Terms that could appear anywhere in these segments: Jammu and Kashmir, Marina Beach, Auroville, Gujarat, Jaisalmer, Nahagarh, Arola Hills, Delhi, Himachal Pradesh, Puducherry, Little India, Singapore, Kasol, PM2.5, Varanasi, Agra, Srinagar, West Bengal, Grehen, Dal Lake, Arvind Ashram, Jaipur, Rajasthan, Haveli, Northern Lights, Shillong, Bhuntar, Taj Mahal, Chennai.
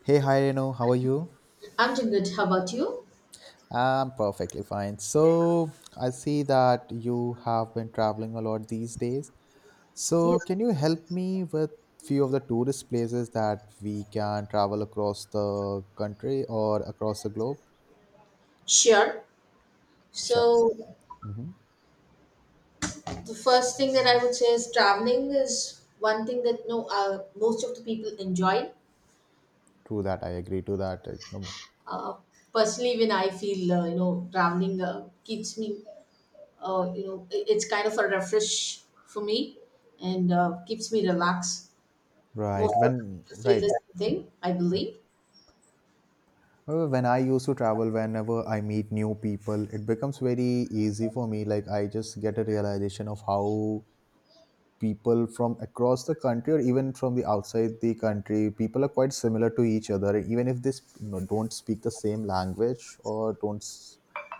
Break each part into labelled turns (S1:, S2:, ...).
S1: Hey, hi Renu, how are you?
S2: I'm doing good. How about you?
S1: I'm perfectly fine. So, I see that you have been traveling a lot these days. So,
S2: Yes.
S1: can you help me with few of the tourist places that we can travel across the country or across the globe?
S2: Sure.
S1: Sure.
S2: So
S1: Mm-hmm.
S2: the first thing that I would say is traveling is one thing that no most of the people enjoy.
S1: True that. I agree to that. No more.
S2: Uh, personally, when I feel traveling keeps me it's kind of a refresh for me and keeps me relaxed.
S1: Right.
S2: Most of the
S1: When
S2: people feel
S1: right.
S2: the same thing, I believe.
S1: When I used to travel, whenever I meet new people, it becomes very easy for me. Like I just get a realization of how people from across the country or even from the outside the country people are quite similar to each other, even if they don't speak the same language or don't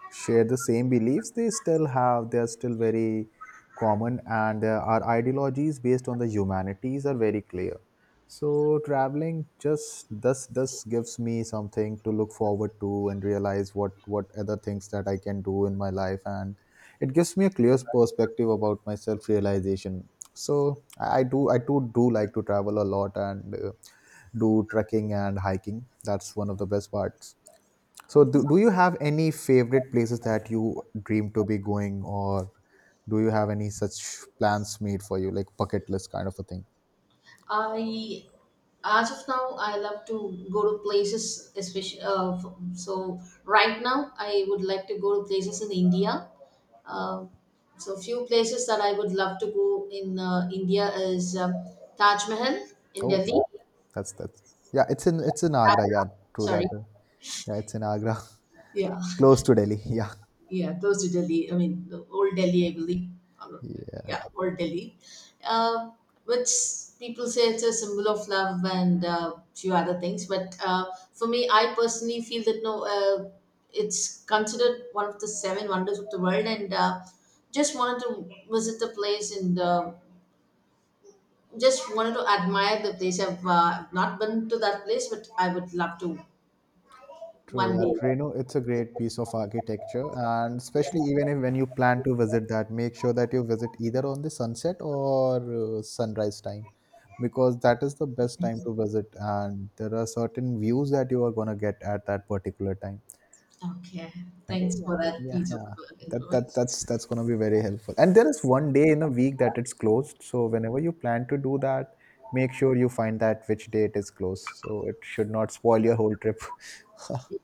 S1: share the same beliefs, they are still very common, and our ideologies based on the humanities are very clear. So traveling just thus gives me something to look forward to, and realize what other things that I can do in my life, and it gives me a clear perspective about my self realization. So I too do like to travel a lot, and do trekking and hiking. That's one of the best parts. So do,
S2: Mhm.
S1: do you have any favorite places that you dream to be going, or do you have any such plans made for you, like bucket list kind of a thing?
S2: I As of now, I love to go to places especially so right now I would like to go to places in india uh, so few places that I would love to go in india is taj mahal in
S1: Oh,
S2: delhi.
S1: wow. That's, yeah, it's in Agra, yeah, true
S2: Sorry.
S1: that. Yeah, it's in Agra,
S2: Yeah.
S1: close to Delhi. Yeah.
S2: Yeah, those to Delhi. I mean, the old Delhi, I believe. Or-
S1: Yeah.
S2: Yeah, old Delhi, uh, which people say it's a symbol of love and few other things. But For me, I personally feel that no, it's considered one of the seven wonders of the world, and just wanted to visit the place and just wanted to admire the place. I've not been to that place, but I would love to
S1: True
S2: one
S1: that,
S2: day.
S1: Reno. It's a great piece of architecture, and
S2: Yeah.
S1: especially even if when you plan to visit that, make sure that you visit either on the sunset or sunrise time, because that is the best time to visit, and there are certain views that you are gonna get at that particular time.
S2: Okay.
S1: Okay,
S2: Thanks
S1: yeah,
S2: for that
S1: yeah,
S2: piece of
S1: yeah. That that
S2: information.
S1: that's that's gonna be very helpful. And there is one day in a week that it's closed, so whenever you plan to do that, make sure you find that which day it is closed, so it should not spoil your whole trip.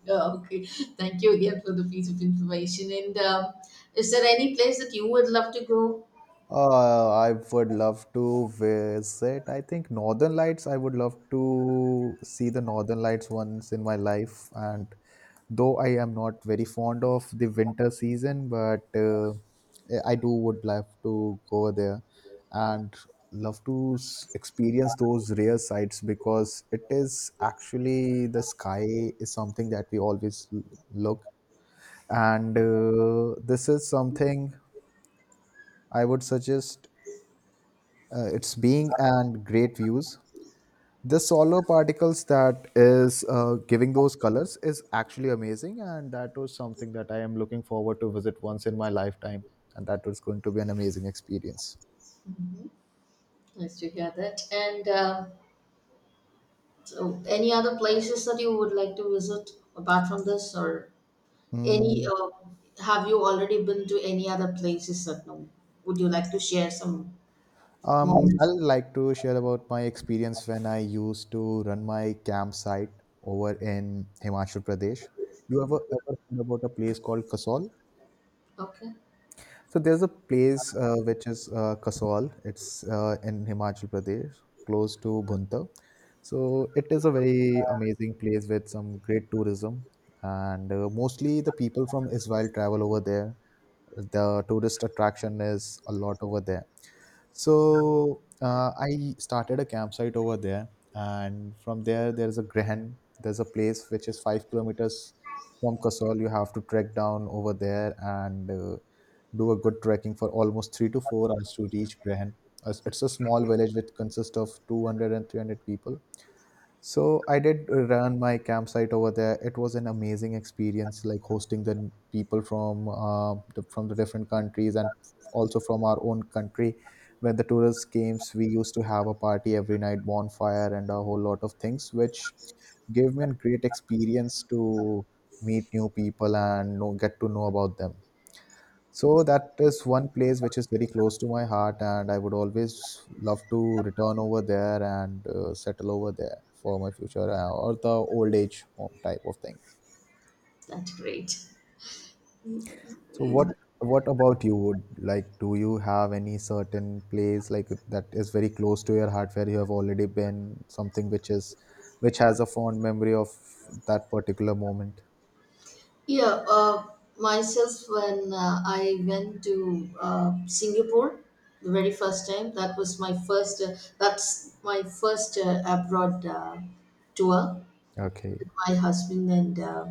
S2: Oh, okay. Thank you again for the piece of information. And is there any place that you would love to go?
S1: I would love to visit. I think Northern Lights. I would love to see the Northern Lights once in my life. And though I am not very fond of the winter season, but I do would love to go there and love to experience those rare sights, because it is actually the sky is something that we always look. And this is something I would suggest, its being and great views. The solar particles that is giving those colors is actually amazing, and that was something that I am looking forward to visit once in my lifetime, and that was going to be an amazing experience.
S2: Nice to hear that. And so, any other places that you would like to visit apart from this, or any?
S1: Mm.
S2: Have you already been to any other places that no? Would you like to share some moments?
S1: I'd like to share about my experience when I used to run my campsite over in Himachal Pradesh. You ever heard about a place called Kasol?
S2: Okay,
S1: So there's a place which is Kasol. It's in Himachal Pradesh, close to Bhuntar. So it is a very amazing place with some great tourism, and mostly the people from Israel travel over there. The tourist attraction is a lot over there. So I started a campsite over there, and from there is a Grehen. There's a place which is 5 kilometers from Kasol. You have to trek down over there, and do a good trekking for almost 3 to 4 hours to reach Grehen. It's a small village which consists of 200 and 300 people, so I did run my campsite over there. It was an amazing experience, like hosting the people from from the different countries, and also from our own country. When the tourists came, we used to have a party every night, bonfire, and a whole lot of things, which gave me a great experience to meet new people and know, get to know about them. So that is one place which is very close to my heart, and I would always love to return over there and settle over there for my future, or the old age home type of thing.
S2: that's great.
S1: So what about you? Would like do you have any certain place like that is very close to your heart, where you have already been, something which is which has a fond memory of that particular moment?
S2: Yeah, uh, myself when I went to Singapore the very first time, that was my first abroad tour
S1: Okay.
S2: with my husband, and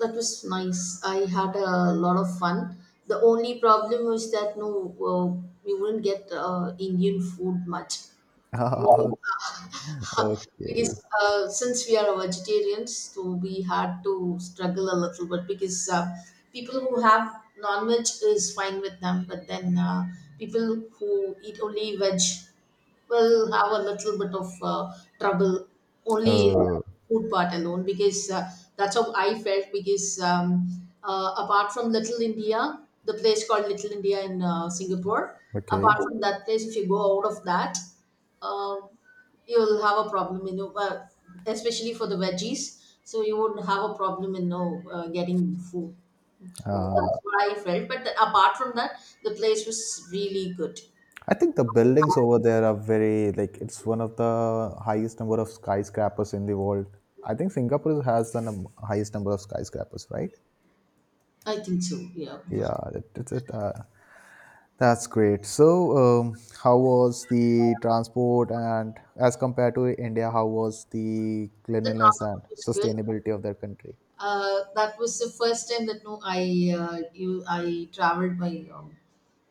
S2: that was nice. I had a lot of fun. The only problem was that we wouldn't get Indian food much.
S1: Okay.
S2: Because since we are vegetarians, so we had to struggle a little bit because people who have non veg is fine with them, but then people who eat only veg will have a little bit of trouble only in the
S1: Uh,
S2: food part alone because that's how I felt. Because apart from Little India, the place called Little India in Singapore, apart
S1: okay.
S2: from that place, if you go out of that, uh, you'll have a problem, you know, especially for the veggies. So you would have a problem in you know, getting food. So
S1: Uh,
S2: that's what I felt. But apart from that, the place was really good.
S1: I think the buildings over there are very like it's one of the highest number of skyscrapers in the world. I think Singapore has the highest number of skyscrapers, right?
S2: I think so, yeah.
S1: Yeah, that's great. So, how was the transport and as compared to India, how was the
S2: The
S1: cleanliness and
S2: transport was good.
S1: sustainability of their country?
S2: That was the first time that no, I traveled by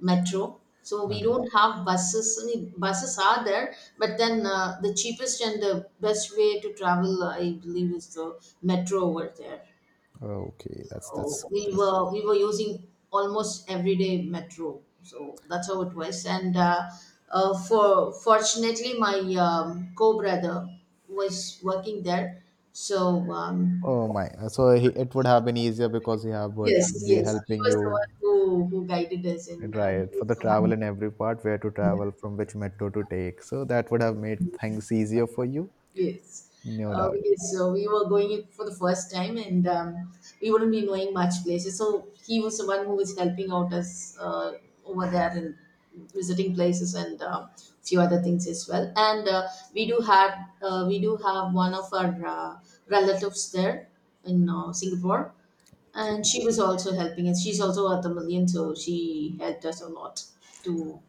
S2: metro. So
S1: Uh,
S2: we don't have buses. I mean, buses are there, but then the cheapest and the best way to travel, I believe, is the metro over there.
S1: okay, that's
S2: So
S1: that's
S2: we
S1: that's.
S2: were we were using almost everyday metro. So that's how it was. And for fortunately, my co brother was working there. So
S1: Oh my! So it would have been easier because he have would
S2: yes,
S1: be
S2: yes. He
S1: helping
S2: was the
S1: you.
S2: one who guided us, and
S1: Right,
S2: he
S1: for
S2: was
S1: the
S2: the
S1: travel
S2: one.
S1: in every part, where to travel, from which
S2: Yeah,
S1: metro to take. So that would have made things easier for you,
S2: yes.
S1: no doubt.
S2: Because so we were going it for the first time, and we wouldn't be knowing much places. So he was the one who was helping out us over there and visiting places and few other things as well. And we do have we do have one of our uh, relatives there in Singapore. And
S1: Okay,
S2: she was also helping us. She's also worth a million, so she helped us a lot. To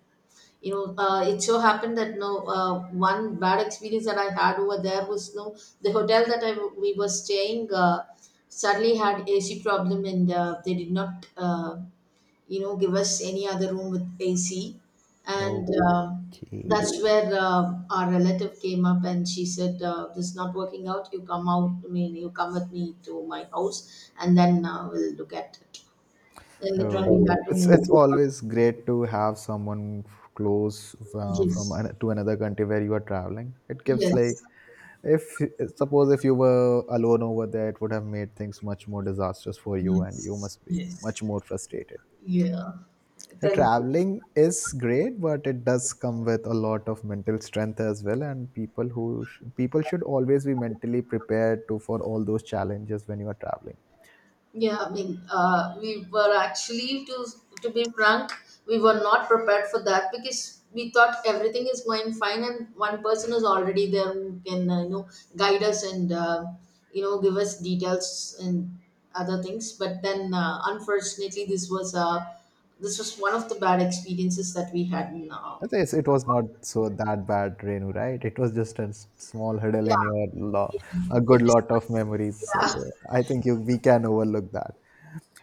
S2: you know, it so happened that no one bad experience that I had over there was no the hotel that we were staying suddenly had AC problem and they did not you know give us any other room with AC and
S1: okay.
S2: that's where our relative came up and she said this is not working out you come out I mean you come with me to my house and then we'll look at it then later on
S1: Oh,
S2: we had to
S1: it's
S2: move
S1: it's
S2: forward.
S1: always great to have someone close, from
S2: Yes,
S1: to another country where you are traveling. It gives like
S2: yes.
S1: if suppose if you were alone over there, it would have made things much more disastrous for you,
S2: Yes,
S1: and you must be much
S2: yes.
S1: more frustrated.
S2: Yeah.
S1: The
S2: Then
S1: traveling is great, but it does come with a lot of mental strength as well. And people who people should always be mentally prepared to for all those challenges when you are traveling.
S2: yeah, I mean, we were actually to be frank, we were not prepared for that because we thought everything is going fine and one person is already there who can you know guide us and you know give us details and other things. But then, unfortunately, this was one of the bad experiences that we had.
S1: I think it was not so that bad, Renu, right? It was just a small hurdle in
S2: Yeah,
S1: your lo-
S2: yeah,
S1: a
S2: it
S1: good
S2: was,
S1: lot of memories. So
S2: yeah.
S1: I think we can overlook that.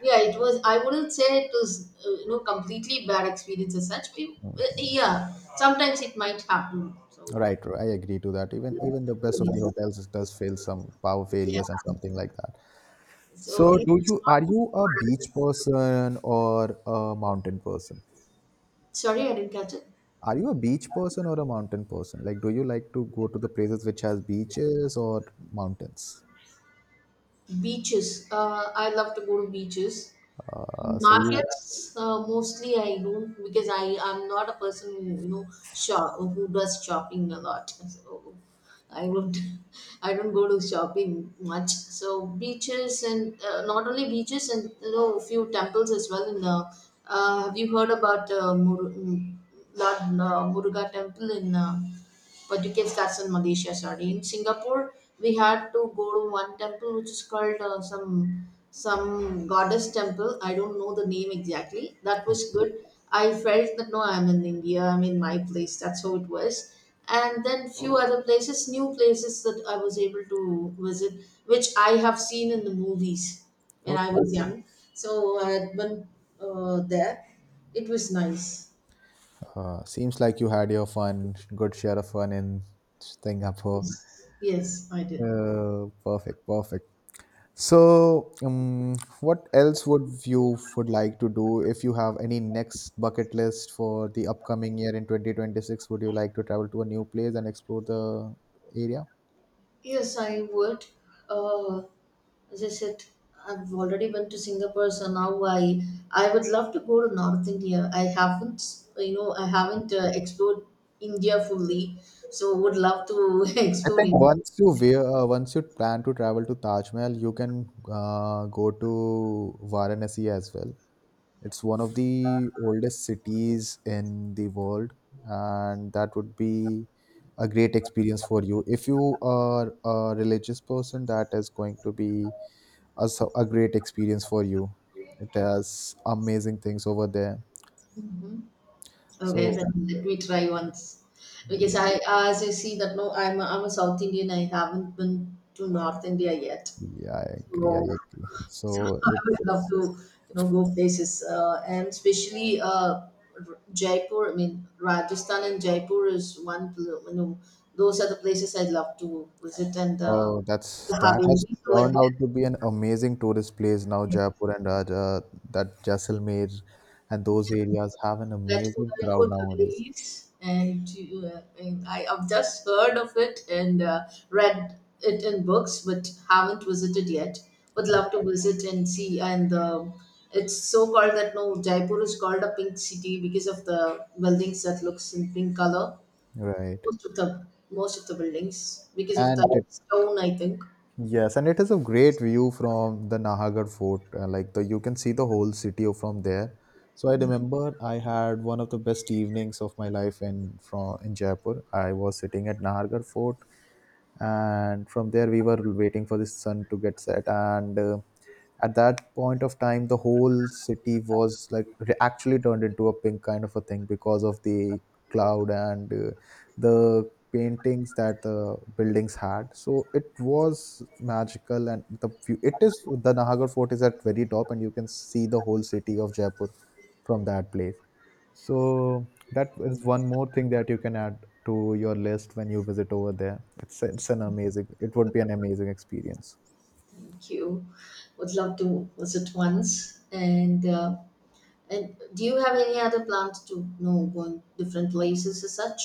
S2: yeah it was I wouldn't say it was you know completely bad experience as such,
S1: Mhm.
S2: yeah sometimes it might happen so
S1: Right, I agree to that. Even the best of the
S2: yes.
S1: hotels does fail some power
S2: Yeah,
S1: failures and something like that.
S2: so
S1: So,
S2: it
S1: do
S2: was
S1: you
S2: not
S1: are
S2: only
S1: you a
S2: for
S1: beach
S2: us.
S1: person or a mountain person?
S2: Sorry I didn't catch it.
S1: Are you a beach person or a mountain person? Like, do you like to go to the places which has beaches or mountains?
S2: Beaches, I love to go to beaches.
S1: So you
S2: Markets, mostly I don't because I am not a person who you know shop who does shopping a lot. So I would I don't go to shopping much. So beaches and not only beaches and you know a few temples as well. In have you heard about Lord Muruga Temple in but you can start in Malaysia. Sorry, in Singapore we had to go to one temple which is called some goddess temple. I don't know the name exactly. That was
S1: okay?
S2: good. I felt that no, I'm in India. I'm in my place. That's how it was. And then few other places, new places that I was able to visit, which I have seen in the movies when I
S1: Okay.
S2: was young. So I had been there. It was nice.
S1: Seems like you had your fun, good share of fun in Singapore.
S2: Yes, I did.
S1: Perfect, perfect. So, what else would you would like to do if you have any next bucket list for the upcoming year in 2026? Would you like to travel to a new place and explore the area?
S2: Yes, I would. Uh, as I said, I've already been to Singapore, so now I would love to go to North India. I haven't, you know, I haven't explored India fully, so would love to
S1: I
S2: explore
S1: think
S2: India.
S1: once you wear, once you plan to travel to Taj Mahal, you can go to Varanasi as well. It's one of the oldest cities in the world, and that would be a great experience for you. If you are a religious person, that is going to be a great experience for you. It has amazing things over there.
S2: Hmm. Okay,
S1: So
S2: then let me try once. Because
S1: yeah,
S2: as I see that no, I'm a South Indian. I haven't been to North India yet.
S1: yeah, I agree. I
S2: So
S1: agree.
S2: so
S1: So
S2: I would love
S1: it's
S2: to, you know, go places, and especially Jaipur. I mean, Rajasthan and Jaipur is one. You know, those are the places I'd love to visit, and
S1: oh,
S2: the
S1: that has
S2: Haveli. So at
S1: turned
S2: the
S1: out to be an amazing tourist place now. Jaipur and that Jaisalmer and those areas have an
S2: that's what
S1: amazing
S2: I
S1: crowd
S2: would
S1: nowadays.
S2: release, and I, have just heard of it and read it in books, but haven't visited yet. Would
S1: Uh,
S2: love to visit and see. And it's so called that no Jaipur is called a pink city because of the buildings that looks in pink color.
S1: Right.
S2: Most of the most of the buildings because of
S1: And
S2: the
S1: it
S2: stone, I think.
S1: Yes, and it is a great view from the Nahagarh fort. Like the, you can see the whole city from there. So I
S2: Mm.
S1: remember I had one of the best evenings of my life in Jaipur. I was sitting at Nahagarh fort, and from there we were waiting for the sun to get set, and at that point of time the whole city was like actually turned into a pink kind of a thing because of the cloud, and the paintings that the buildings had, so it was magical. And the view, it is, the nahagar fort is at very top, and you can see the whole city of Jaipur from that place. So that is one more thing that you can add to your list when you visit over there, it's an amazing, it would be an amazing experience.
S2: Thank you. Would love to visit once. And do you have any other plans to you know going different places as such?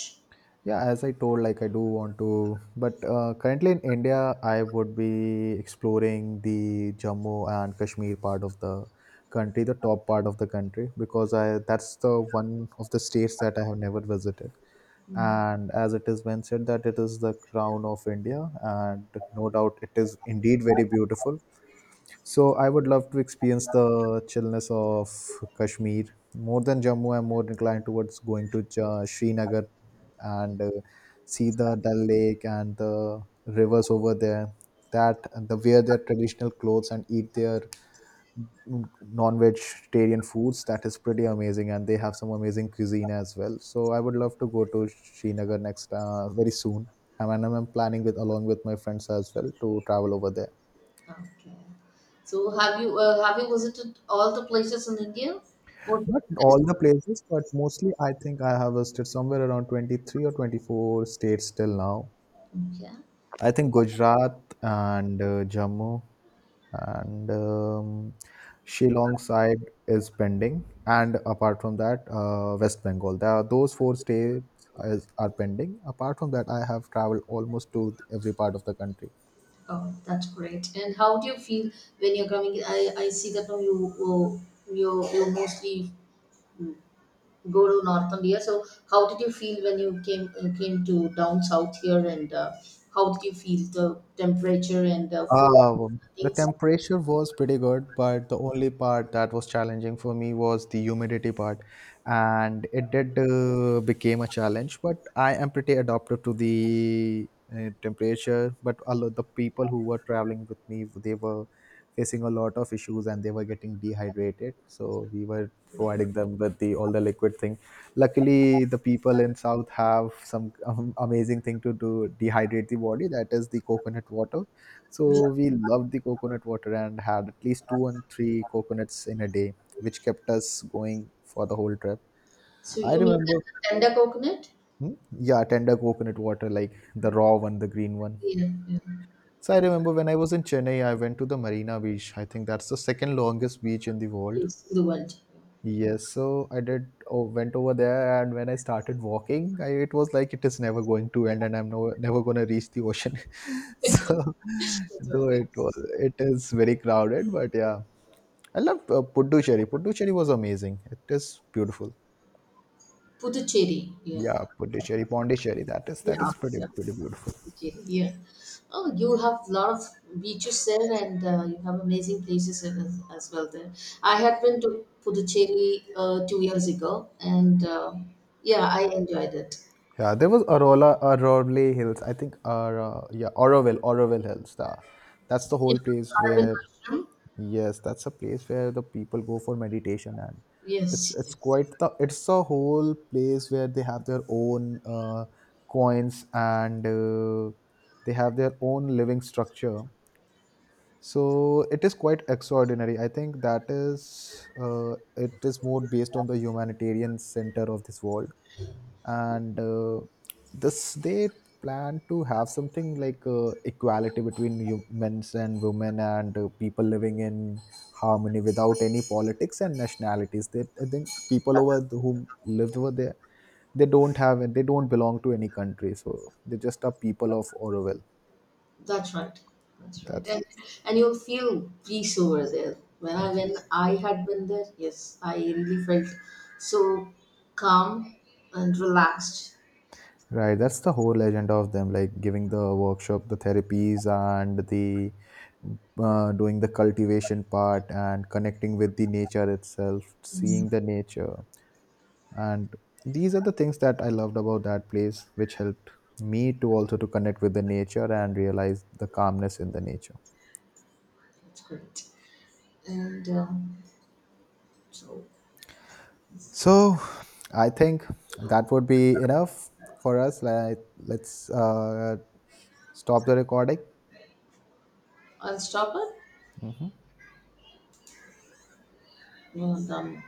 S1: Yeah, as I told, like I do want to, but currently in India, I would be exploring the Jammu and Kashmir part of the country, the top part of the country, because I that's the one of the states that I have never visited. And as it is been said that it is the crown of India, and no doubt it is indeed very beautiful. So I would love to experience the chillness of Kashmir. More than Jammu, I'm more inclined towards going to Srinagar and see the Dal Lake and the rivers over there. That the wear their traditional clothes and eat their non-vegetarian foods. That is pretty amazing, and they have some amazing cuisine as well. So I would love to go to Srinagar next, very soon. And I'm planning with along with my friends as well to travel over there.
S2: Okay. So have you visited all the places in India? Most of
S1: Not
S2: the places?
S1: all the places, but mostly I think I have visited somewhere around 23 or 24 states till now.
S2: Okay.
S1: I think Gujarat and Jammu, and Shillong side is pending, and apart from that, West Bengal. There are those four states are pending. Apart from that, I have traveled almost to every part of the country.
S2: Oh, that's great. And how do you feel when you're coming? I see that now you you mostly go to North India. So how did you feel when you came came to down south here? And how did you feel the temperature and food
S1: Uh, the
S2: things?
S1: temperature was pretty good, but the only part that was challenging for me was the humidity part, and it did became a challenge. But I am pretty adapted to the temperature. But a lot the people who were traveling with me, they were facing a lot of issues and they were getting dehydrated, so we were providing them with the all the liquid thing. Luckily, the people in South have some amazing thing to do dehydrate the body. That is the coconut water,
S2: Yeah.
S1: so we loved the coconut water and had at least two and three coconuts in a day, which kept us going for the whole trip.
S2: So
S1: I
S2: you mean the
S1: remember,
S2: tender coconut?
S1: Hmm? Yeah, tender coconut water, like the raw one, the green one.
S2: Yeah, yeah.
S1: So I remember when I was in Chennai, I went to the Marina Beach. I think that's the second longest beach in the world.
S2: Yes, the world.
S1: Yes, so went over there, and when I started walking, it was like it is never going to end, and I'm no, never gonna reach the ocean. So,
S2: That's what
S1: though
S2: it is.
S1: it is very crowded, but yeah, I love Puducherry. Puducherry was amazing. It is beautiful.
S2: Puducherry. Yeah.
S1: Yeah, Puducherry, Pondicherry. That
S2: Yeah,
S1: is pretty
S2: yeah.
S1: pretty beautiful.
S2: Puducherry. Yeah. Oh, you have a lot of beaches there and you have amazing places as well there. I had been to Puducherry two years ago and yeah, I enjoyed it.
S1: Yeah, there was Arola Hills, I think, or yeah, Oroville Hills. The, that's the
S2: Yeah.
S1: whole place
S2: Arvind
S1: where
S2: Ashram.
S1: yes, that's a place where the people go for meditation, and
S2: Yes.
S1: it's quite the it's a whole place where they have their own, coins, and they have their own living structure. So it is quite extraordinary. I think that is it is more based on the humanitarian center of this world, and this they plan to have something like equality between men's and women, and people living in harmony without any politics and nationalities. They I think people over whom lived over there, they don't belong to any country, so they just are people of Orwell.
S2: That's right. That's right.
S1: That's
S2: And you'll feel peace over there. When I had been there, yes, I really felt so calm and relaxed.
S1: Right, that's the whole legend of them, like giving the workshop, the therapies, and the, doing the cultivation part and connecting with the nature itself,
S2: Mm,
S1: seeing the nature. And these are the things that I loved about that place, which helped me to also to connect with the nature and realize the calmness in the nature.
S2: that's great. And so
S1: So I think that would be enough for us. Like, let's stop the recording.
S2: I'll stop it.
S1: Mhm.
S2: Well done.